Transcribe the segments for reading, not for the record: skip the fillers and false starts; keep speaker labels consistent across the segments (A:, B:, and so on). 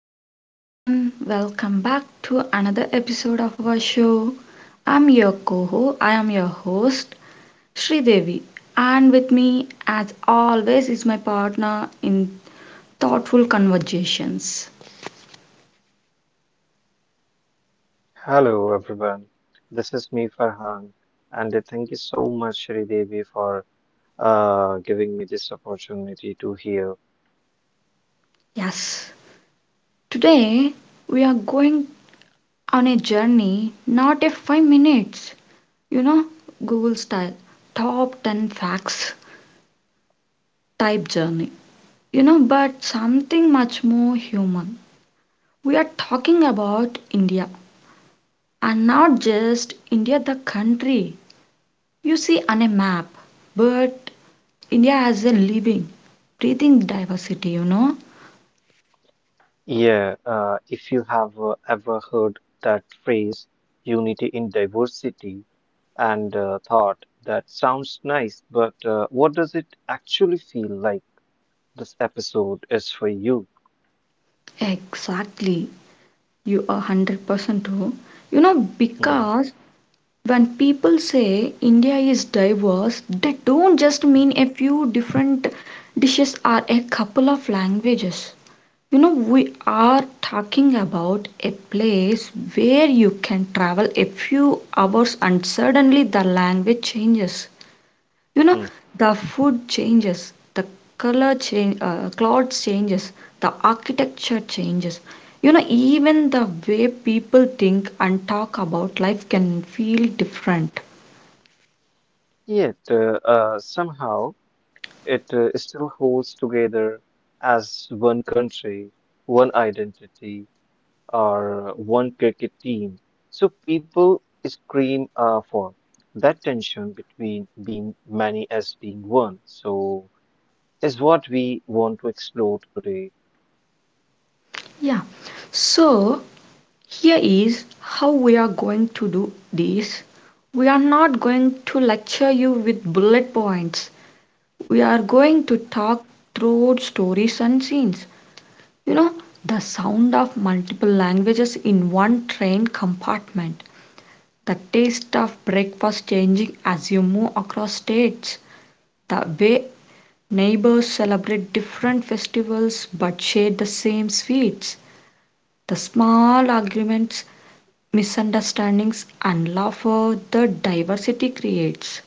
A: hi everyone. Welcome back to another episode of our show. I am your host Sridevi, and with me as always is my partner in thoughtful conversations.
B: Hello, everyone. This is me, Farhan, and thank you so much, Shri Devi, for giving me this opportunity to hear.
A: Yes. Today we are going on a journey, not a 5 minutes, you know, Google style top 10 facts type journey. But something much more human. We are talking about India, and not just India the country you see on a map, but India as a living, breathing diversity.
B: Yeah, if you have ever heard that phrase, unity in diversity, and thought that sounds nice, but what does it actually feel like? This episode is for you.
A: Exactly. You are 100% true.
B: Hmm,
A: Because when people say India is diverse, they don't just
B: hmm,
A: mean a few different dishes or a couple of languages. We are talking about a place where you can travel a few hours and suddenly the language changes. You know,
B: hmm.
A: the food changes, the color change, clothes changes, the architecture changes. Even the way people think and talk about life can feel different.
B: Yet, somehow, it still holds together as one country, one identity, or one cricket team. So people scream for that tension between being many as being one. So is what we want to explore today.
A: Yeah. So, here is how we are going to do this. We are not going to lecture you with bullet points. We are going to talk throughout stories and scenes. You know, the sound of multiple languages in one train compartment, the taste of breakfast changing as you move across states, the way neighbors celebrate different festivals but share the same sweets, the small arguments, misunderstandings, and love, laughter the diversity creates.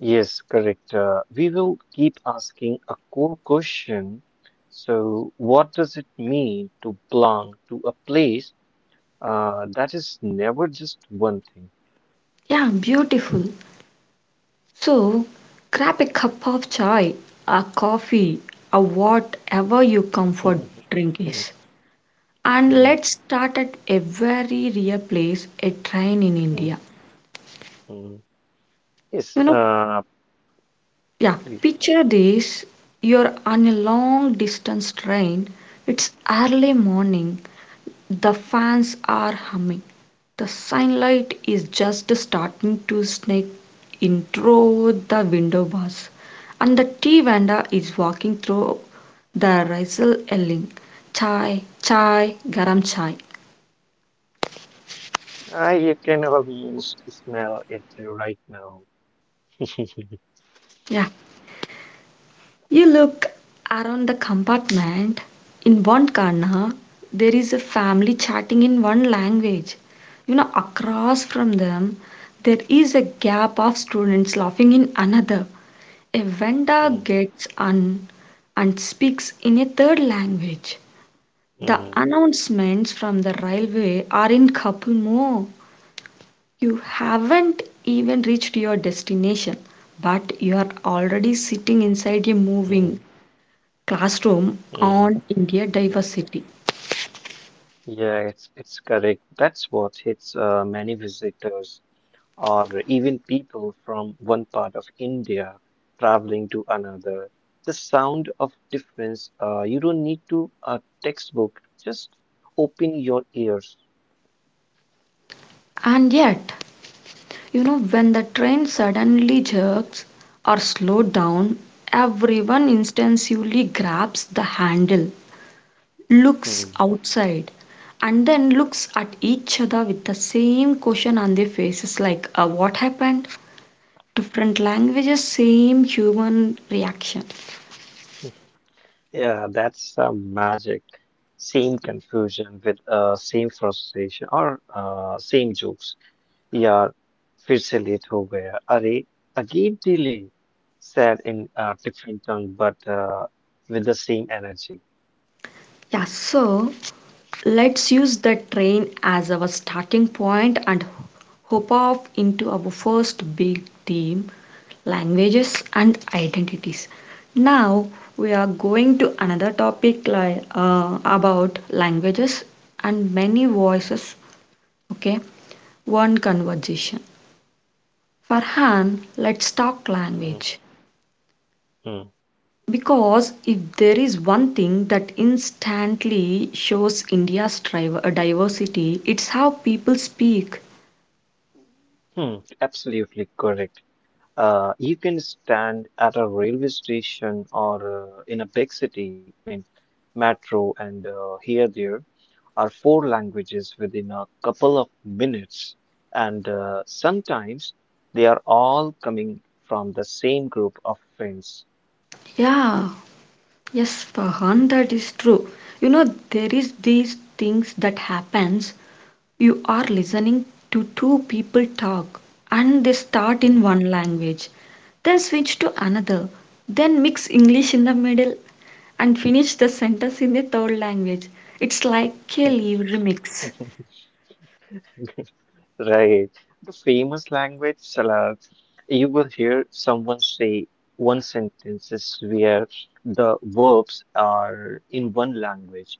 B: Yes, correct. We will keep asking a core question. So, what does it mean to belong to a place that is never just one thing?
A: Yeah, beautiful. So, grab a cup of chai, a coffee, or whatever your comfort
B: Mhm,
A: drink
B: mhm,
A: is. And
B: mhm,
A: let's start at a very real place, a train in
B: mhm,
A: India.
B: mhm. Yes,
A: You know, yeah,
B: please.
A: picture this. You're on a long distance train. It's early morning. The fans are humming. The sunlight is just starting to sneak in through the window bars. And the tea vendor is walking through the razzle yelling, Chai, chai, garam chai.
B: I can almost smell it right now.
A: Yeah. You look around the compartment. In one corner, there is a family chatting in one language. Across from them, there is a gap of students laughing in another. A vendor
B: Mhm,
A: gets on and speaks in a third language. The
B: mhm,
A: announcements from the railway are in couple more. You haven't even reached your destination, but you're already sitting inside a moving
B: mhm,
A: classroom
B: mhm,
A: on India
B: mhm.
A: diversity.
B: Yeah, it's correct. That's what hits many visitors or even people from one part of India traveling to another. The sound of difference. You don't need to a textbook. Just open your ears.
A: And yet, when the train suddenly jerks or slows down, everyone instinctively grabs the handle, looks outside, and then looks at each other with the same question on their faces, like what happened? Different languages, same human reaction.
B: Yeah, that's magic. Same confusion with same frustration or same jokes. Yeah, फिर से late हो गया. अरे again delay. Said in a different tongue, but with the same energy.
A: Yeah, so let's use the train as our starting point and hop off into our first big theme, languages and identities. Now we are going to another topic, like about languages and many voices, okay, one conversation. Farhan, let's talk
B: Mm,
A: language.
B: mm,
A: Because if there is one thing that instantly shows India's diversity, it's how people speak.
B: Absolutely correct. You can stand at a railway station or in a big city, I mean, metro, and here there are four languages within a couple of minutes, and sometimes they are all coming from the same group of friends.
A: Yeah, yes, Farhan, that is true. You know, there is these things that happens. You are listening to two people talk, and they start
B: Hmm.
A: in one language, then switch to another, then mix English in the middle, and finish the sentence in the third language. It's like a live remix.
B: Right. The famous language salad, you will hear someone say one sentences where the verbs are in one language,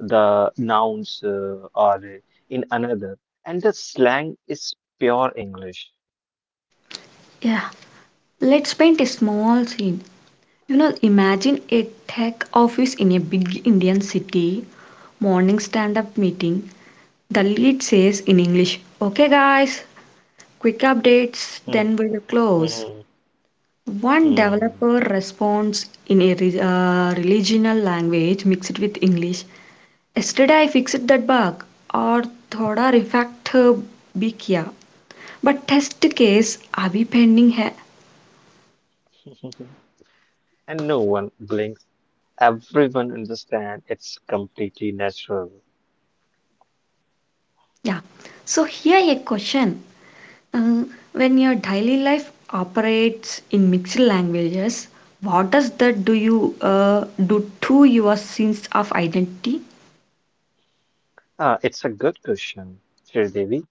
B: the nouns are in another, and the slang is pure English.
A: Yeah, let's paint a small scene. Imagine a tech office in a big Indian city, morning stand up meeting. The lead says in English, Okay, guys, quick updates,
B: Hmm,
A: then we'll close.
B: hmm,
A: One
B: hmm.
A: developer responds in a regional language mixed with English. Yesterday I fixed that bug, or thoda refactor bhi kiya. But test case abhi pending hai.
B: Mhm. And no one blinks. Everyone understands it's completely natural.
A: Yeah. So here a question. Uh, when your daily life operates in mixed languages, what does that do to your sense of identity?
B: It's a good question, Sridevi.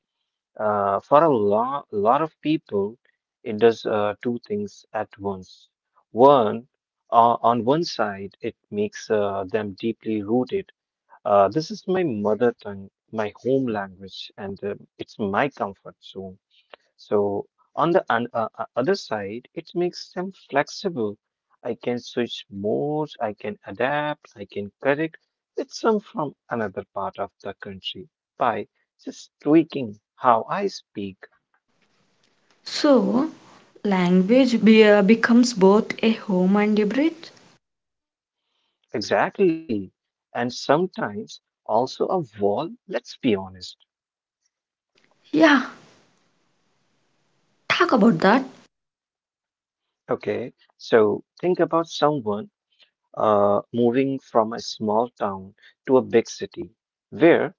B: For a lo lot of people, it does two things at once. One, on one side, it makes them deeply rooted. This is my mother tongue, my home language, and it's my comfort zone. So on the other side, it makes them flexible. I can switch modes, I can adapt, I can correct with some from another part of the country by just tweaking how I speak.
A: So language becomes both a home and a bridge.
B: Exactly. And sometimes also a wall, let's be honest.
A: Yeah, talk about that.
B: Okay. So think about someone moving from a small town to a big city where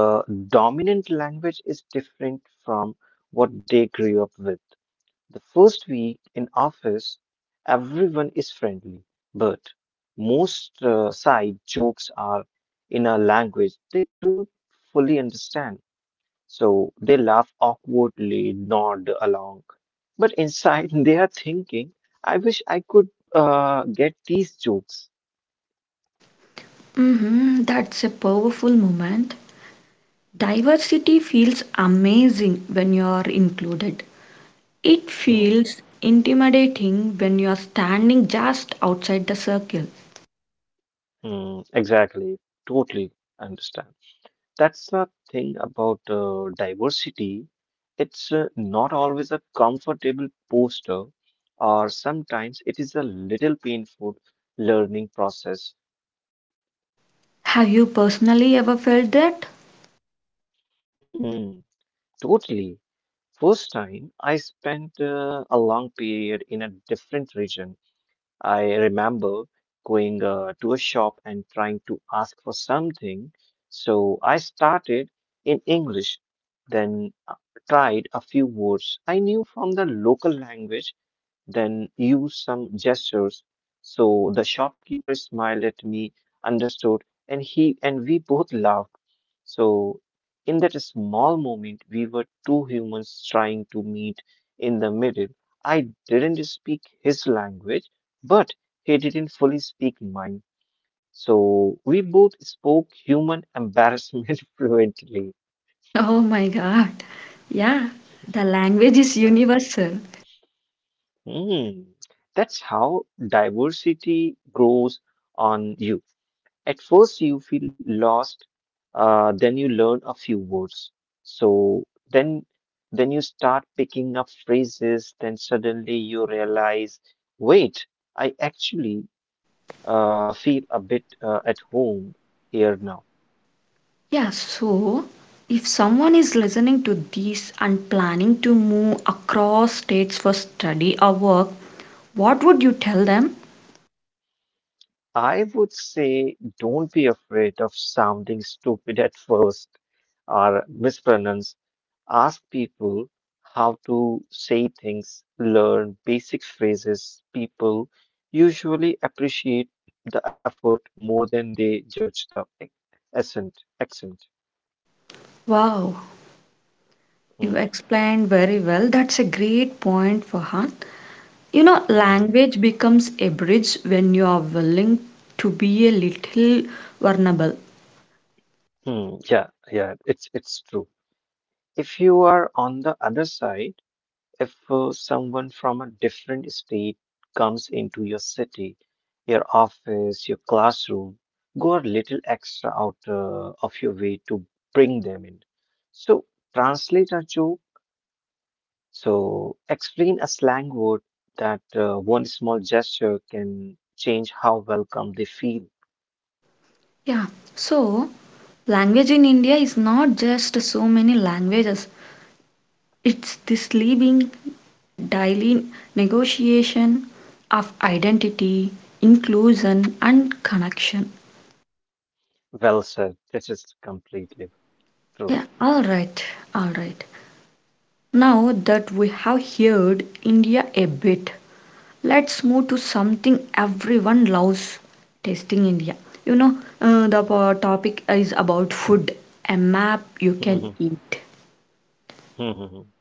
B: the dominant language is different from what they grew up with. The first week in office, everyone is friendly, but most side jokes are in a language they don't fully understand. So they laugh awkwardly, nod along. But inside, they are thinking, I wish I could get these jokes.
A: That's a powerful moment. Diversity feels amazing when you are included. It
B: Hmm,
A: feels intimidating when you are standing just outside the circle.
B: hmm, exactly. Totally understand. That's the thing about diversity. It's not always a comfortable poster, or sometimes it is a little painful learning process.
A: Have you personally ever felt that?
B: Hmm, totally. First time I spent a long period in a different region I remember going to a shop and trying to ask for something. So I started in English, then tried a few words I knew from the local language then use some gestures. So the shopkeeper smiled at me, understood, and he and we both laughed. So in that small moment, we were two humans trying to meet in the middle. I didn't speak his language, but he didn't fully speak mine. So we both spoke human embarrassment fluently.
A: Oh my god. Yeah, the language is
B: Uh,
A: universal.
B: hmm. That's how diversity grows on you. At first, you feel lost, then you learn a few words. So then, then you start picking up phrases. Then suddenly you realize, wait, I actually feel a bit at home here now.
A: Yeah, so if someone is listening to this and planning to move across states for study or work, what would you tell them?
B: I would say, don't be afraid of sounding stupid at first, or mispronounce. Ask people how to say things, learn basic phrases. People usually appreciate the effort more than they judge the accent. Accent.
A: Wow,
B: Hmm,
A: you explained very well. That's a great point, Farhan.
B: hmm,
A: Language becomes a bridge when you are willing to be a little vulnerable.
B: hmm. Yeah, yeah, it's true. If you are on the other side, if someone from a different state comes into your city, your office, your classroom, go a little extra out of your way to bring them in. So, translate a joke. So, explain a slang word that one small gesture can change how welcome they feel.
A: Yeah, so language in India is not just so many languages, it's this living, daily negotiation of identity, inclusion, and connection.
B: Well said. This is completely true.
A: Yeah, all right, all right. Now that we have heard India a bit, let's move to something everyone loves, tasting India. The topic is about food, a map you can eat.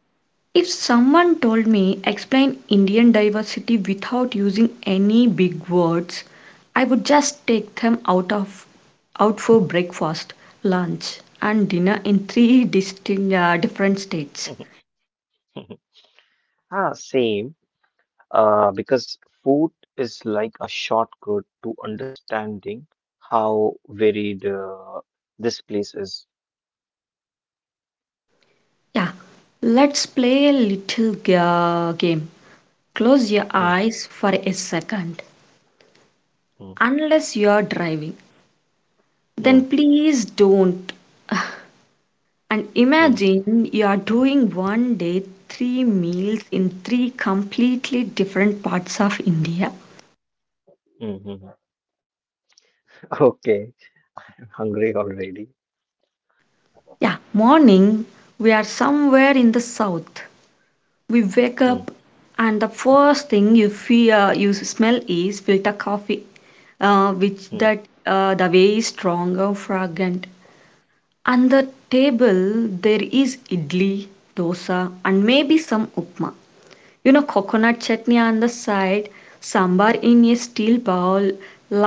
A: If someone told me explain Indian diversity without using any big words, I would just take them out for breakfast, lunch, and dinner in three distinct different states.
B: Ah, same. Because food is like a shortcut to understanding how varied this place is.
A: Yeah, let's play a little game. Close your
B: Hmm.
A: eyes for a second.
B: Hmm.
A: Unless you're driving,
B: Hmm.
A: then please don't. And
B: Hmm.
A: imagine you're doing one day, three meals in three completely different parts of India.
B: Hmm. Hmm. Hmm. Okay, hungry already.
A: Yeah, morning, we are somewhere in the south. We wake
B: Hmm.
A: up, and the first thing you smell is filter coffee, which
B: Hmm.
A: that the way is stronger, fragrant. On the table there is idli, dosa, and maybe some upma. Coconut chutney on the side, sambar in a steel bowl,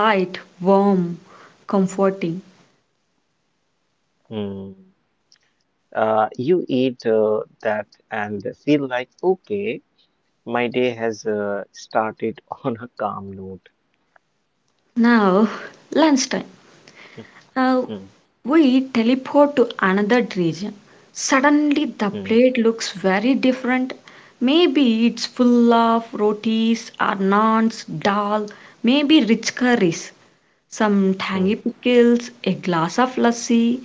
A: light, warm, comforting.
B: Hmm. You eat that and feel like, okay, my day has started on a calm note.
A: Now, lunchtime.
B: Hmm.
A: Uh,
B: Hmm.
A: we teleport to another region. Suddenly, the
B: Hmm.
A: plate looks very different. Maybe it's full of rotis or naans, dal, maybe rich curries, some
B: Hmm.
A: tangy pickles, a glass of lassi.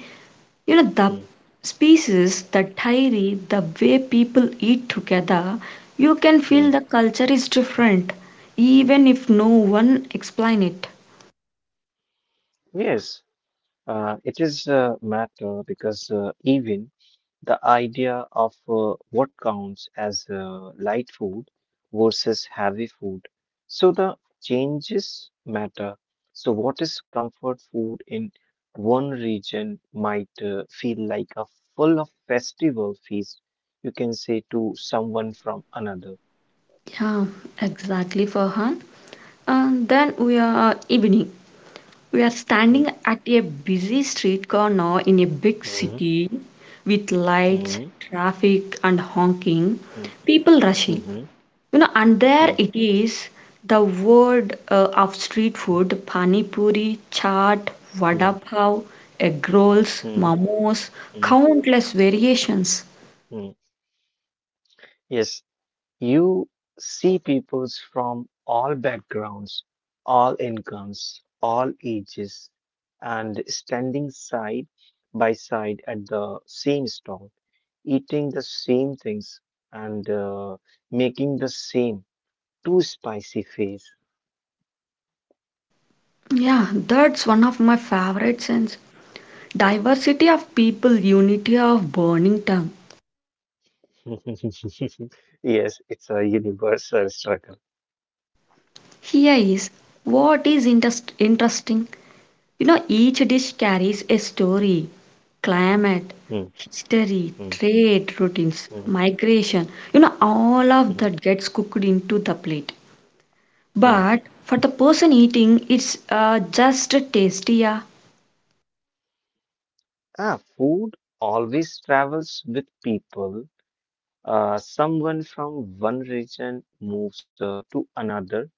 A: The
B: Hmm.
A: species, the diary, the way people eat together, you can
B: Hmm.
A: feel the culture is different, even if no one explain it.
B: Yes, it is matter because even the idea of what counts as light food versus heavy food. So the changes matter. So what is comfort food in one region might feel like a full of festival feast, you can say to someone from another.
A: Yeah, exactly, Farhan. And then we are evening. We are
B: Mm,
A: standing at a busy street corner in a big
B: mm,
A: city with lights,
B: mm,
A: traffic, and honking,
B: mm,
A: people rushing.
B: mhm,
A: And there
B: mm,
A: it is, the word of street food: pani puri, chaat,
B: mm,
A: vada pav, egg rolls,
B: mm,
A: momos,
B: mm,
A: countless variations.
B: mm. Yes, you see peoples from all backgrounds, all incomes, all ages, and standing side by side at the same stall, eating the same things and making the same too spicy face.
A: Yeah, that's one of my favorite scenes. Diversity of people, unity of burning tongue.
B: Yes, it's a universal struggle.
A: Here is what is interesting. Each dish carries a story, climate,
B: Hmm,
A: history,
B: hmm,
A: trade routines,
B: hmm,
A: migration. All of
B: hmm,
A: that gets cooked into the plate.
B: hmm.
A: But for the person eating, it's just tasty. Yeah.
B: Ah, Food always travels with people. Someone from one region moves to another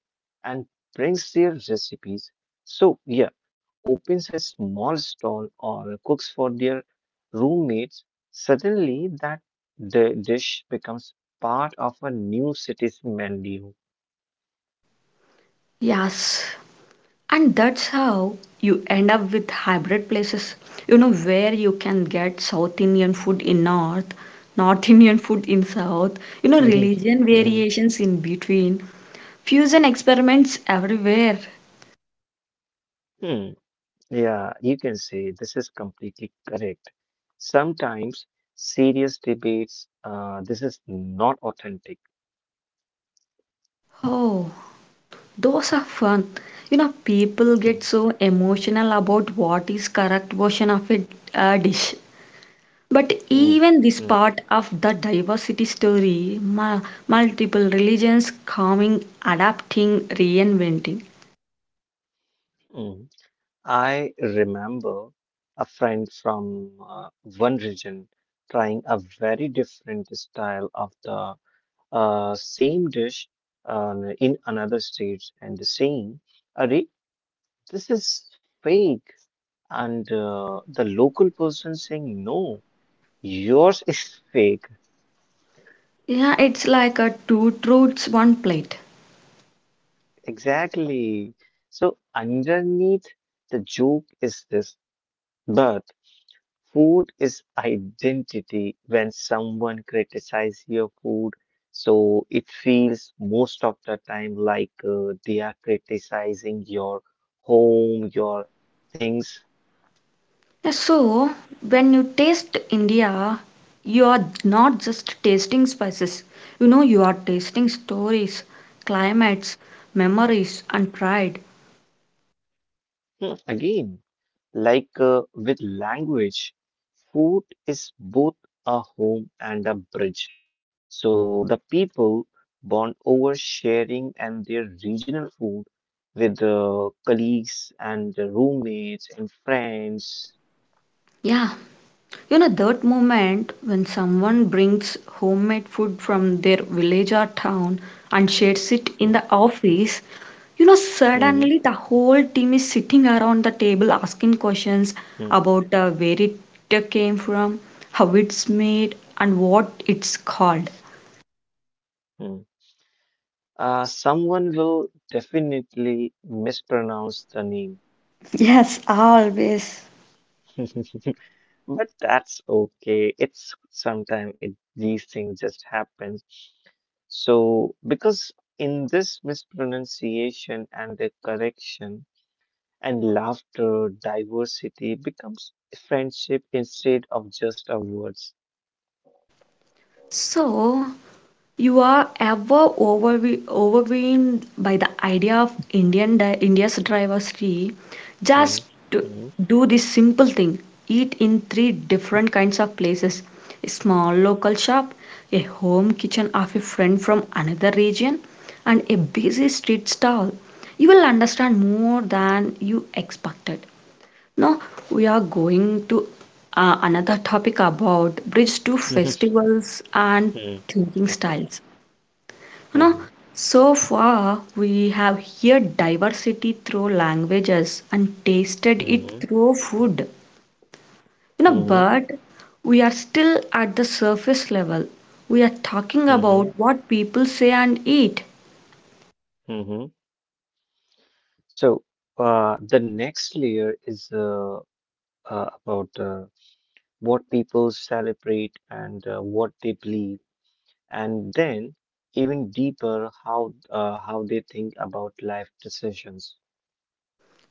B: and brings their recipes. So, yeah, opens a small stall or cooks for their roommates. Suddenly, that the dish becomes part of a new city's menu.
A: Yes. And that's how you end up with hybrid places, where you can get South Indian food in North, North Indian food in South, religion
B: Mhm.
A: variations in between, fusion experiments everywhere.
B: Hmm, yeah, you can say this is completely correct. Sometimes serious debates, this is not authentic.
A: Oh, those are fun. People get so emotional about what is correct version of a dish. But
B: Hmm,
A: even this
B: hmm,
A: part of the diversity story, multiple religions coming, adapting, reinventing.
B: Mm. I remember a friend from one region trying a very different style of the same dish in another state and saying, Arey, this is fake. And the local person saying, no, yours is fake.
A: Yeah, it's like a two truths, one plate.
B: Exactly. So, underneath the joke is this, but food is identity. When someone criticizes your food, so it feels most of the time like they are criticizing your home, your things.
A: Yeah, so when you taste India, you are not just tasting spices. You are tasting stories, climates, memories, and pride.
B: Again, like with language, food is both a home and a bridge. So the people bond over sharing and their regional food with colleagues and roommates and friends.
A: Yeah, that moment when someone brings homemade food from their village or town and shares it in
B: Mm,
A: the office, suddenly
B: mhm,
A: the whole team is sitting around the table asking questions
B: mm,
A: about where it came from, how it's made, and what it's called.
B: mm. Someone will definitely mispronounce the name,
A: Yes, always.
B: but that's okay. It's sometimes it, these things just happen. So, because in this mispronunciation and the correction and laughter, diversity becomes friendship instead of just a words.
A: So, you are ever overwhelmed by the idea of Indian India's diversity.
B: Mhm,
A: Just do
B: mhm,
A: do this simple thing. Eat in three different kinds of places: a small local shop, a home kitchen of a friend from another region, and a busy street stall. You will understand more than you expected. Now we are going to another topic about bridge to festivals and
B: mhm.
A: thinking
B: Okay.
A: styles. You
B: Mm-hmm.
A: know, so far we have here diversity through languages and tasted it
B: Mm-hmm.
A: through food. But we are still at the surface level. We are talking
B: Mm-hmm.
A: about what people say and eat.
B: Mm-hmm. So, the next layer is about what people celebrate and what they believe, and then even deeper, how they think about life decisions.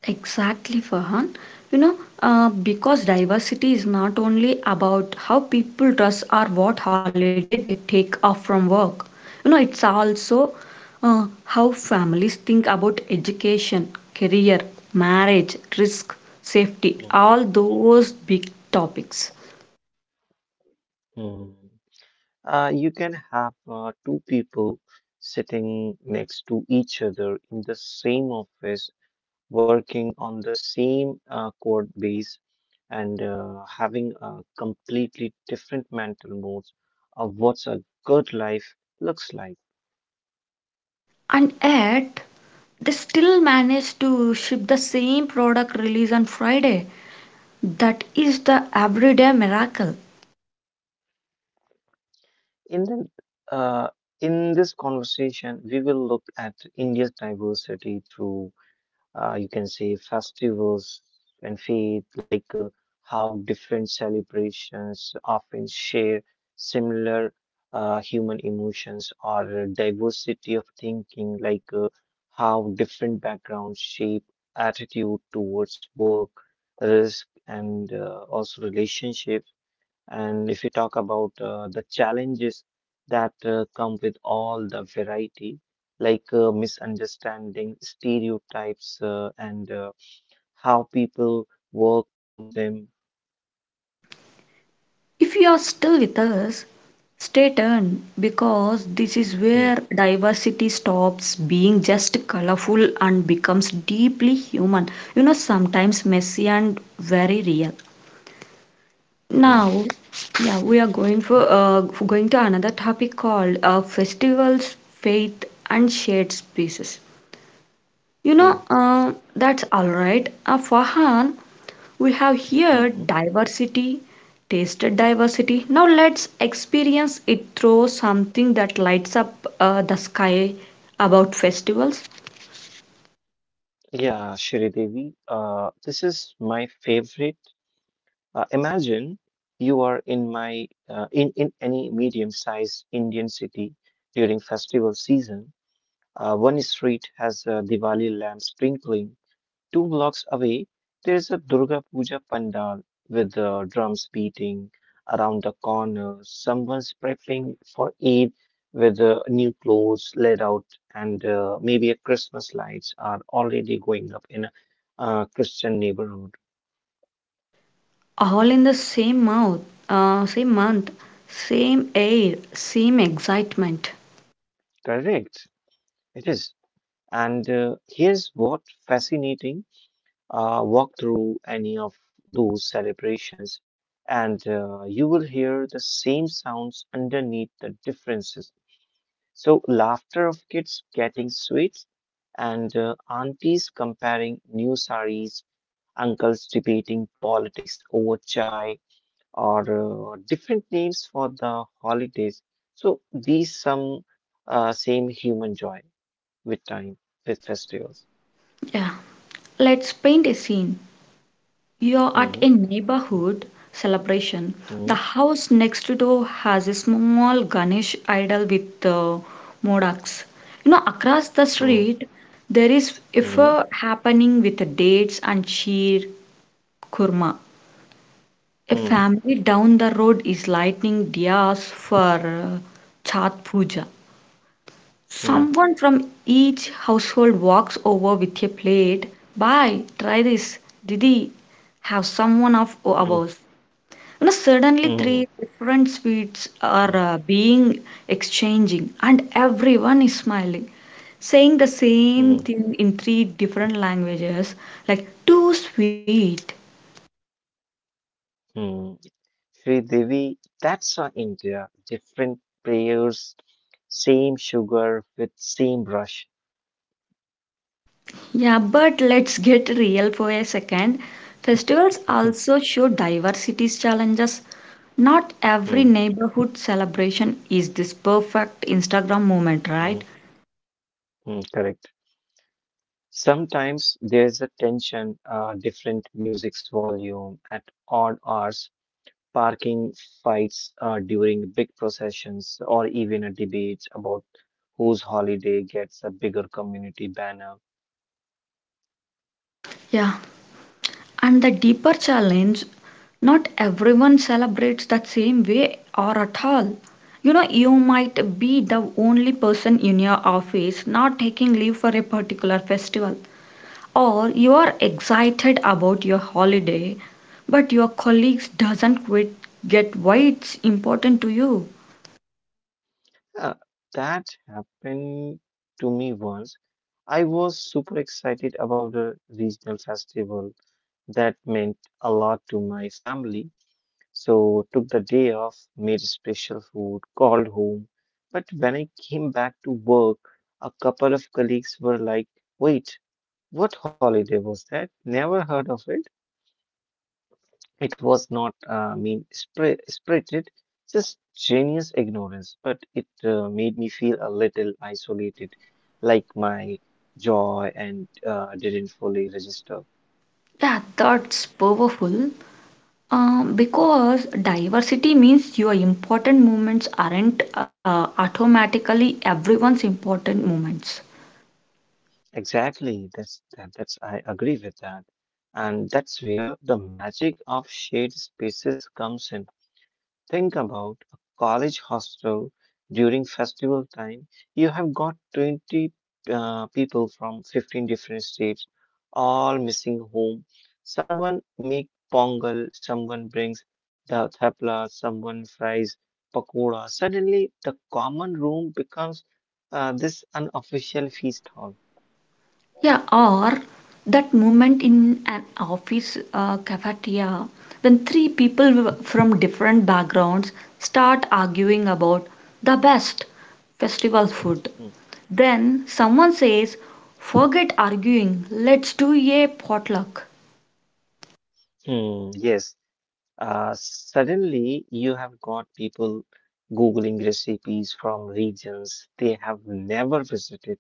A: Exactly, Farhan. You know, because diversity is not only about how people dress or what holiday they take off from work. It's also how families think about education, career, marriage, risk, safety,
B: Mm,
A: all those big topics.
B: mm. You can have two people sitting next to each other in the same office working on the same code base and having a completely different mental modes of what's a good life looks like.
A: And yet, they still manage to ship the same product release on Friday. That is the everyday miracle.
B: In the uh, in this conversation, we will look at India's diversity through you can say festivals and faith, like how different celebrations often share similar human emotions or diversity of thinking, like how different backgrounds shape attitude towards work, risk, and also relationship. And if you talk about the challenges that come with all the variety, like misunderstanding, stereotypes, and how people work through them.
A: If you are still with us, stay tuned because this is
B: Hmm,
A: where diversity stops being just colorful and becomes deeply human. Sometimes messy and very real.
B: hmm,
A: Now, yeah, we are going for going to another topic called festivals, faith, and shared spaces.
B: hmm,
A: That's all right. Fahan, we have
B: hmm,
A: here
B: hmm.
A: diversity, tasted diversity. Now let's experience it through something that lights up the sky, about festivals.
B: Yeah, Shridevi, this is my favorite. Imagine you are in my in any medium-sized Indian city during festival season. One street has Diwali lamps twinkling. Two blocks away, there is a Durga Puja pandal with the drums beating around the corner. Someone's prepping for Eid with new clothes laid out, and maybe a Christmas lights are already going up in a Christian neighborhood.
A: All in the same mouth, same month, same air, same excitement.
B: Correct, it is. And here's what fascinating walk through any of those celebrations, and you will hear the same sounds underneath the differences. So, laughter of kids getting sweets and aunties comparing new saris, uncles debating politics over chai, or different names for the holidays. So, these some same human joy with time, with festivals.
A: Yeah. Let's paint a scene. You're at
B: Mhm,
A: a neighborhood celebration. The
B: mhm,
A: house next door has a small Ganesh idol with modaks. Across the
B: mhm,
A: street, there is a fair happening with dates and sheer kurma. A
B: mhm,
A: family down the road is lighting diyas for uh, Chat Puja.
B: mhm,
A: Someone from each household walks over with a plate. Bye, try this. Didi, have someone of
B: mhm,
A: ours. You know, suddenly three
B: mhm,
A: different sweets are
B: mhm,
A: being exchanging, and everyone is smiling, saying the same
B: mhm,
A: thing in three different languages, like too sweet.
B: mhm. Sri Devi, that's our India. Different prayers, same sugar with same brush.
A: Yeah, but let's get real for a second. Festivals also show diversity's challenges. Not every
B: Mm,
A: neighborhood celebration is this perfect Instagram moment,
B: mm,
A: right?
B: Correct. Sometimes there's a tension, different music's volume at odd hours, parking fights during big processions, or even a debate about whose holiday gets a bigger community banner.
A: Yeah, and the deeper challenge, not everyone celebrates that same way or at all. You know, you might be the only person in your office not taking leave for a particular festival, or you are excited about your holiday, but your colleagues doesn't quite get why it's important to you.
B: Yeah, that happened to me once. I was super excited about a regional festival that meant a lot to my family, so took the day off, made special food, called home. But when I came back to work, a couple of colleagues were like, "Wait, what holiday was that? Never heard of it." It was not spirited, just genius ignorance, but it made me feel a little isolated, like my joy and didn't fully register.
A: Yeah, that's powerful. Because diversity means your important movements aren't automatically everyone's important movements.
B: Exactly, that's I agree with that, and that's where the magic of shared spaces comes in. Think about a college hostel during festival time. You have got 20 people from 15 different states, all missing home. Someone make pongal, someone brings the thapla, someone fries pakoda. Suddenly, the common room becomes this unofficial feast hall.
A: Yeah, or that movement in an office cafeteria when three people from different backgrounds start arguing about the best festival food.
B: Mm.
A: Then someone says, "Forget arguing, let's do a potluck."
B: Hmm, yes, suddenly, you have got people Googling recipes from regions they have never visited,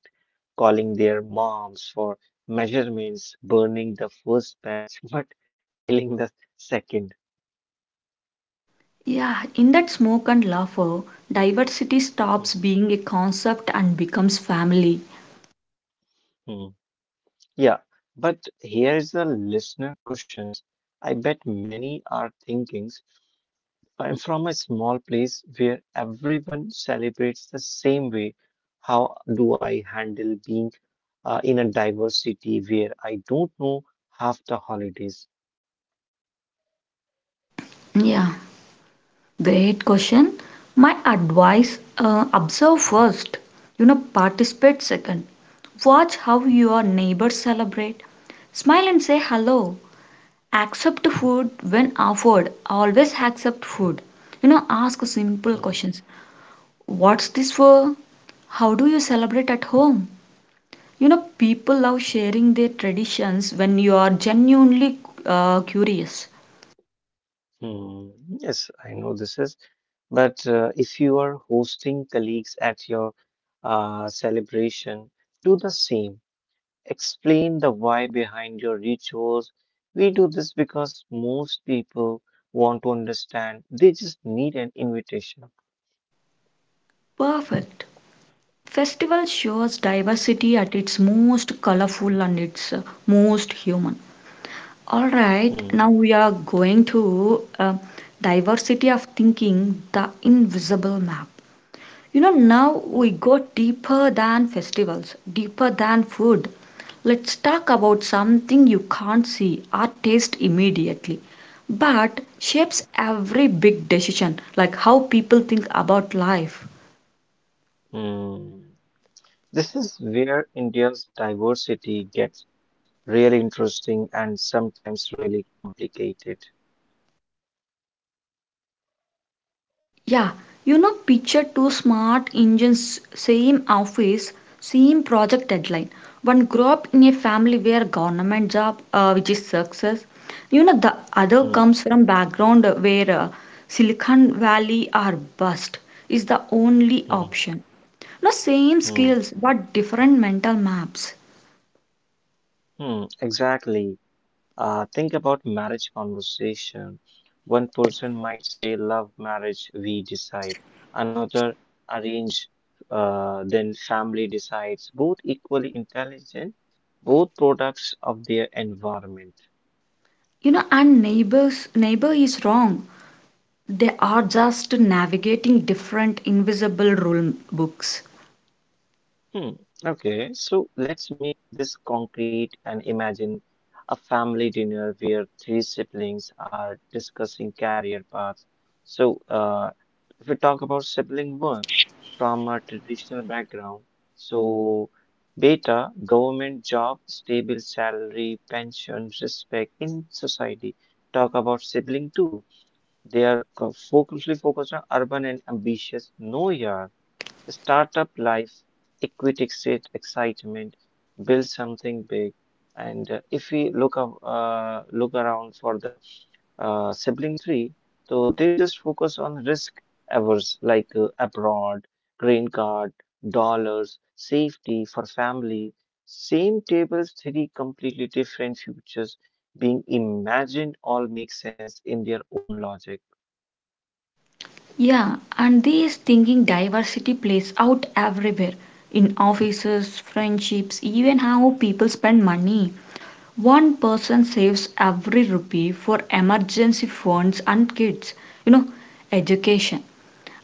B: calling their moms for measurements, burning the first batch, but nailing the second.
A: Yeah, in that smoke and laughter, diversity stops being a concept and becomes family.
B: Mhm. Yeah, but here is a listener questions. I bet many are thinking. I'm from a small place where everyone celebrates the same way. How do I handle being in a diverse city where I don't know half the holidays?
A: Yeah, great question. My advice, observe first, you know, participate second. Watch how your neighbors celebrate. Smile and say hello. Accept food when offered. Always accept food. You know, ask simple
B: Hmm,
A: questions. What's this for? How do you celebrate at home? You know, people love sharing their traditions when you are genuinely curious.
B: hmm, yes, I know this is. But if you are hosting colleagues at your celebration, do the same. Explain the why behind your rituals. We do this because most people want to understand, they just need an invitation.
A: Perfect. Festival shows diversity at its most colorful and its most human. All right,
B: Hmm,
A: now we are going to diversity of thinking, the invisible map. You know, now we
B: hmm,
A: go deeper than festivals, deeper than food. Let's talk about something you can't see or taste immediately, but shapes every big decision, like how people think about life.
B: hmm. This is where India's diversity gets really interesting and sometimes really complicated.
A: Yeah, you know, picture two smart engines, same office, same project deadline. One grew up in a family where government job, which is success. You know, the other
B: Hmm,
A: comes from background where Silicon Valley or bust is the only
B: hmm,
A: option. No same
B: hmm,
A: skills but different mental maps.
B: hmm. Exactly. Think about marriage conversation. One person might say, "Love marriage, we decide." Another, "Arrange," then family decides. Both equally intelligent, both products of their environment.
A: You know, and neighbor is wrong. They are just navigating different invisible rule books.
B: Hmm. Okay, so let's make this concrete and imagine a family dinner where three siblings are discussing career paths. So, if we talk about sibling one from a traditional background, so beta, government job, stable salary, pension, respect in society. Talk about sibling two. They are focusly focused on urban and ambitious. No, yeah. Startup life, equity exit excitement, build something big. And if we look around for the sibling tree, so they just focus on risk averse like abroad, green card, dollars, safety for family. Same tables, three completely different futures being imagined all make sense in their own logic.
A: Yeah, and this thinking diversity plays out everywhere in offices, friendships, even how people spend money. One person saves every rupee for emergency funds and kids, you know, education.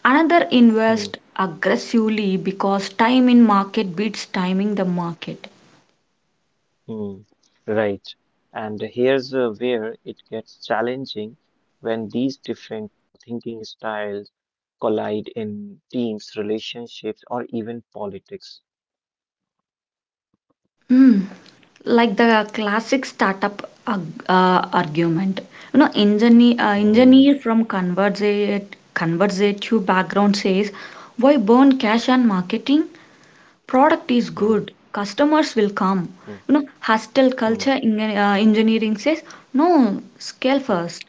A: Another
B: Hmm.
A: invests aggressively because time in market beats timing the market.
B: Mm, right. And here's where it gets challenging when these different thinking styles collide in teams, relationships, or even politics.
A: Hmm. Like the classic startup argument. You know, engineer, uh,
B: Mm,
A: engineer from conversative background says, why burn cash on marketing? Product is
B: mm,
A: good. Customers will come.
B: mm,
A: You know, hostile
B: mm,
A: culture in, engineering says, no, scale
B: mm,
A: first.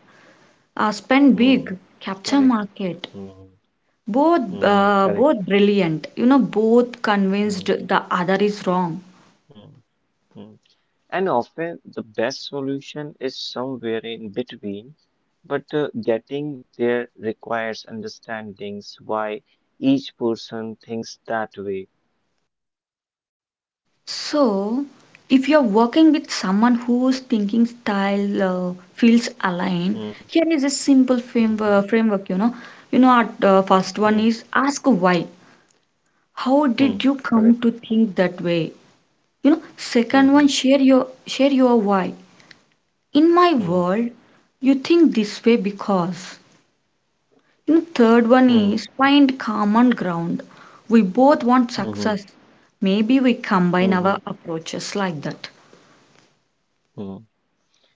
A: Spend
B: mm.
A: big. Capture
B: Correct.
A: market.
B: Mm,
A: Both,
B: mm,
A: both
B: correct.
A: brilliant. You know, both convinced
B: Mm,
A: the other is wrong.
B: mm, mm. And often the best solution is somewhere in between, but getting there requires understandings why each person thinks that way.
A: So, if you're working with someone whose thinking style feels aligned,
B: Mm,
A: here is a simple framework.
B: mhm,
A: Our first one
B: mm,
A: is ask why. How
B: mm,
A: did you come to
B: correct.
A: think that way? You know, second one,
B: Mhm,
A: share your why. In my
B: mm,
A: world, you think this way because. You know, third one
B: mm,
A: is find common ground. We both want
B: mhm,
A: success. Maybe we combine
B: mhm,
A: our approaches like that.
B: mm.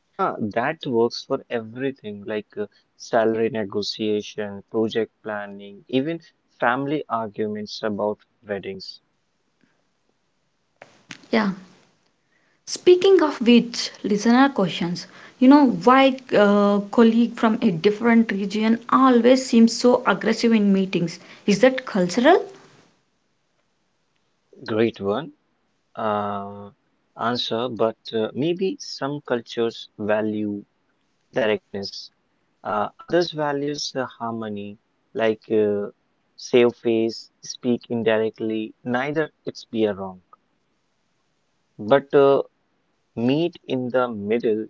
B: That works for everything like salary negotiation, project planning, even family arguments about weddings.
A: Yeah. Speaking of which, listener questions. You know why colleague from a different region always seems so aggressive in meetings? Is that cultural?
B: Great one. uh, Answer, but maybe some cultures value directness, others values harmony, like save face, speak indirectly. Neither it's be a wrong, but meet in the middle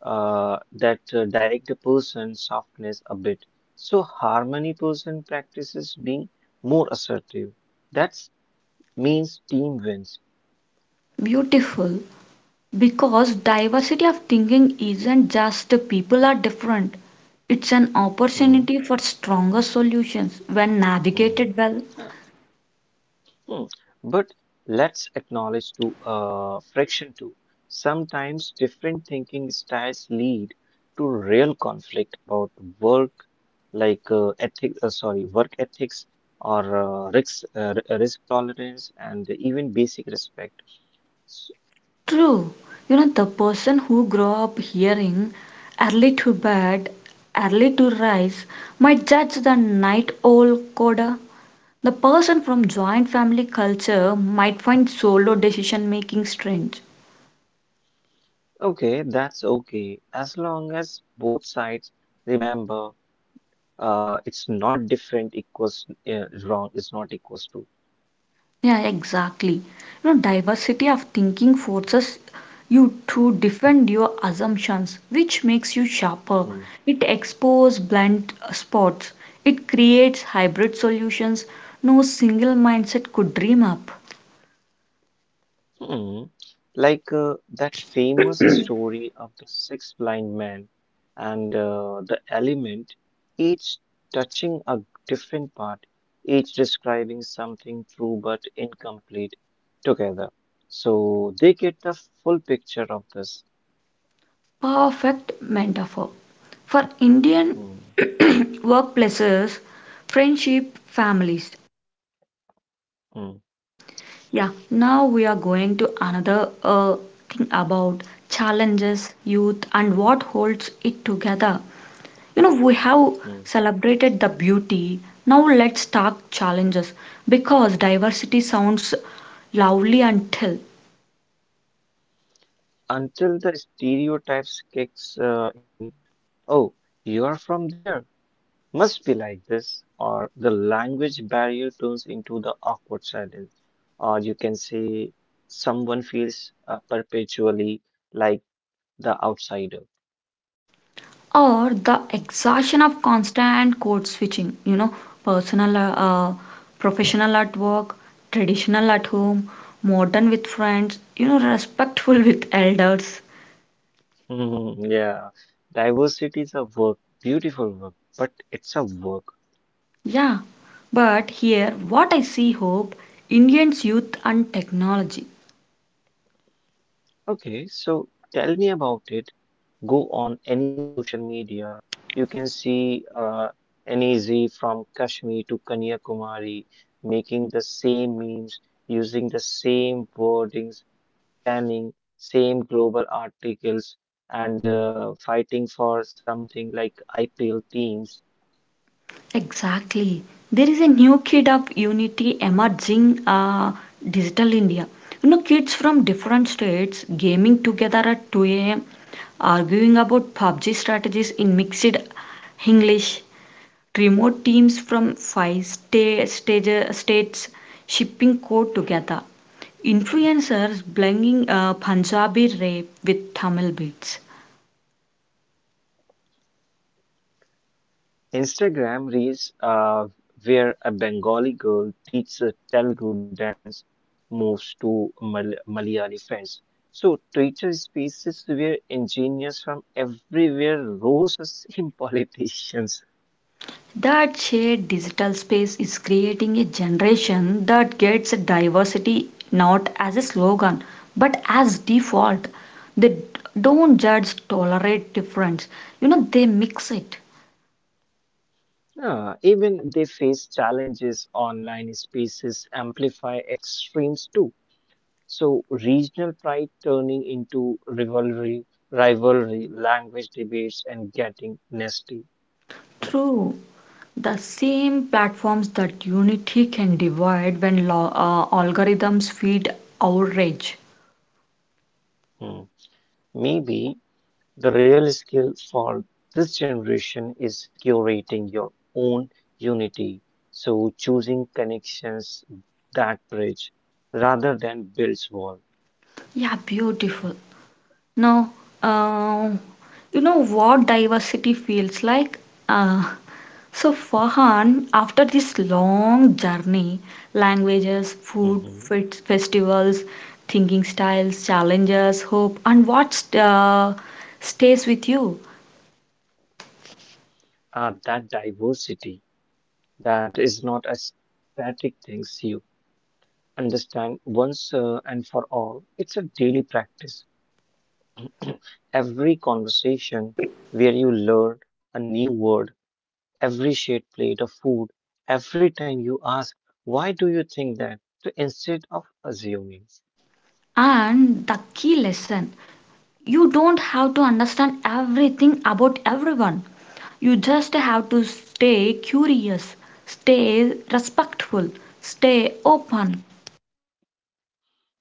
B: that direct a person softness a bit. So harmony person practices being more assertive. That means team wins.
A: Beautiful. Because diversity of thinking isn't just people are different. It's an
B: Mhm,
A: opportunity for stronger solutions when
B: mhm.
A: navigated well.
B: Hmm. But let's acknowledge to friction too. Sometimes different thinking styles lead to real conflict about work, like ethics, work ethics or risk tolerance and even basic respect. S-
A: True. You know, the person who grow up hearing early to bed, early to rise might judge the night owl coda. The person from joint family culture might find solo decision making strange.
B: Okay, that's okay as long as both sides remember it's not different equals wrong is not equals to.
A: Yeah, exactly. You know, diversity of thinking forces you to defend your assumptions, which makes you sharper.
B: Hmm.
A: It exposes blind spots. It creates hybrid solutions no single mindset could dream up.
B: Mm, like that famous story of the six blind men and the element, each touching a different part, each describing something true but incomplete together. So they get the full picture of this.
A: Perfect metaphor. For Indian
B: Mm,
A: workplaces, friendship, families.
B: mm,
A: Yeah, now we are going to another thing about challenges, youth, and what holds it together. You know, we have
B: mm.
A: celebrated the beauty. Now let's talk challenges because diversity sounds lovely until,
B: Until the stereotypes kicks in. Oh, you are from there. Must be like this, or the language barrier turns into the awkward silence. Or you can say someone feels perpetually like the outsider.
A: or the exhaustion of constant code switching. You know, personal, professional at work, traditional at home, modern with friends. You know, respectful with elders.
B: Yeah, diversity is a work, beautiful work, but it's a work.
A: Yeah, but here what I see hope, Indians youth and technology.
B: Okay, so tell me about it. Go on any social media, you can see any Z from Kashmir to Kanyakumari making the same memes, using the same wordings, standing same global articles, and fighting for something like IPL teams.
A: Exactly. There is a new kid of unity emerging, digital India. You know, kids from different states gaming together at 2 a.m., arguing about PUBG strategies in mixed English, remote teams from five states shipping code together. Influencers blending Punjabi rap with Tamil beats.
B: Instagram reels where a Bengali girl teaches a Telugu dance moves to Malayali friends. So Twitter spaces where engineers from everywhere roast the same politicians.
A: That shared digital space is creating a generation that gets diversity not as a slogan but as default. They don't judge, tolerate difference. You know, they mix it.
B: Ah, even they face challenges. Online spaces amplify extremes too. So regional pride turning into rivalry, rivalry, language debates, and getting nasty.
A: True. The same platforms that unity can divide when algorithms feed outrage.
B: Hmm. Maybe the real skill for this generation is curating your own unity. So choosing connections that bridge rather than builds wall.
A: Yeah, beautiful. Now, uh, you know what diversity feels like? Uh, so, Fahan, after this long journey, languages, food,
B: Mhm.
A: fit, festivals, thinking styles, challenges, hope, and what stays with you?
B: That diversity that is not a static thing. You understand once and for all. It's a daily practice. Every conversation where you learn a new word, every shared plate of food, every time you ask, why do you think that? So instead of assuming,
A: And the key lesson, you don't have to understand everything about everyone. You just have to stay curious, stay respectful, stay open.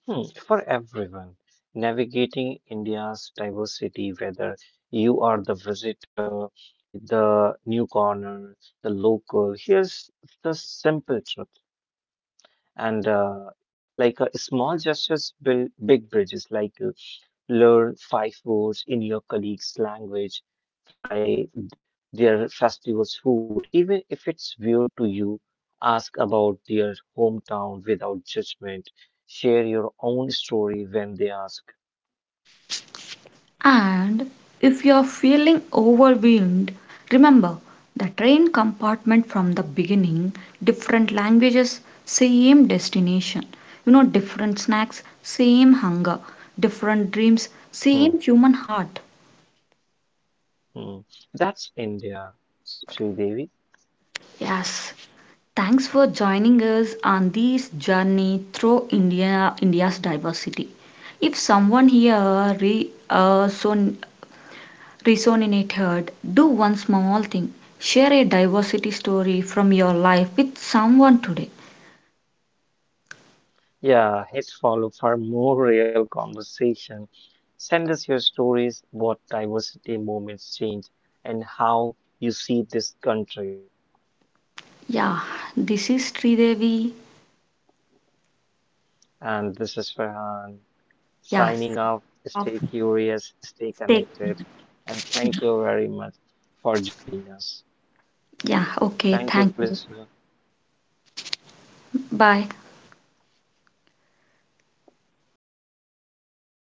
B: hmm, for everyone, navigating India's diversity, whether you are the visitor, the newcomer, the local, here's the simple truth. And like small gestures build big bridges, like learn 5 words in your colleague's language, try their festival's food, even if it's weird to you, ask about their hometown without judgment, share your own story when they ask.
A: And if you're feeling overwhelmed, remember the train compartment from the beginning, different languages, same destination. You know, different snacks, same hunger, different dreams,
B: Hmm,
A: same human heart.
B: hmm. That's India, S- Sridevi.
A: Yes. Thanks for joining us on this journey through India's diversity. If someone here resonated, do one small thing. Share a diversity story from your life with someone today.
B: Yeah, hit follow for more real conversation. Send us your stories, what diversity moments change, and how you see this country.
A: Yeah, this is Sridevi.
B: And this is Farhan. Signing
A: Yes.
B: off.
A: Of
B: Stay curious, stay
A: stay.
B: connected, and
A: Yeah.
B: thank you very much for joining us.
A: Yeah. Okay.
B: Thank you,
A: Thank you.
B: listener.
A: Bye.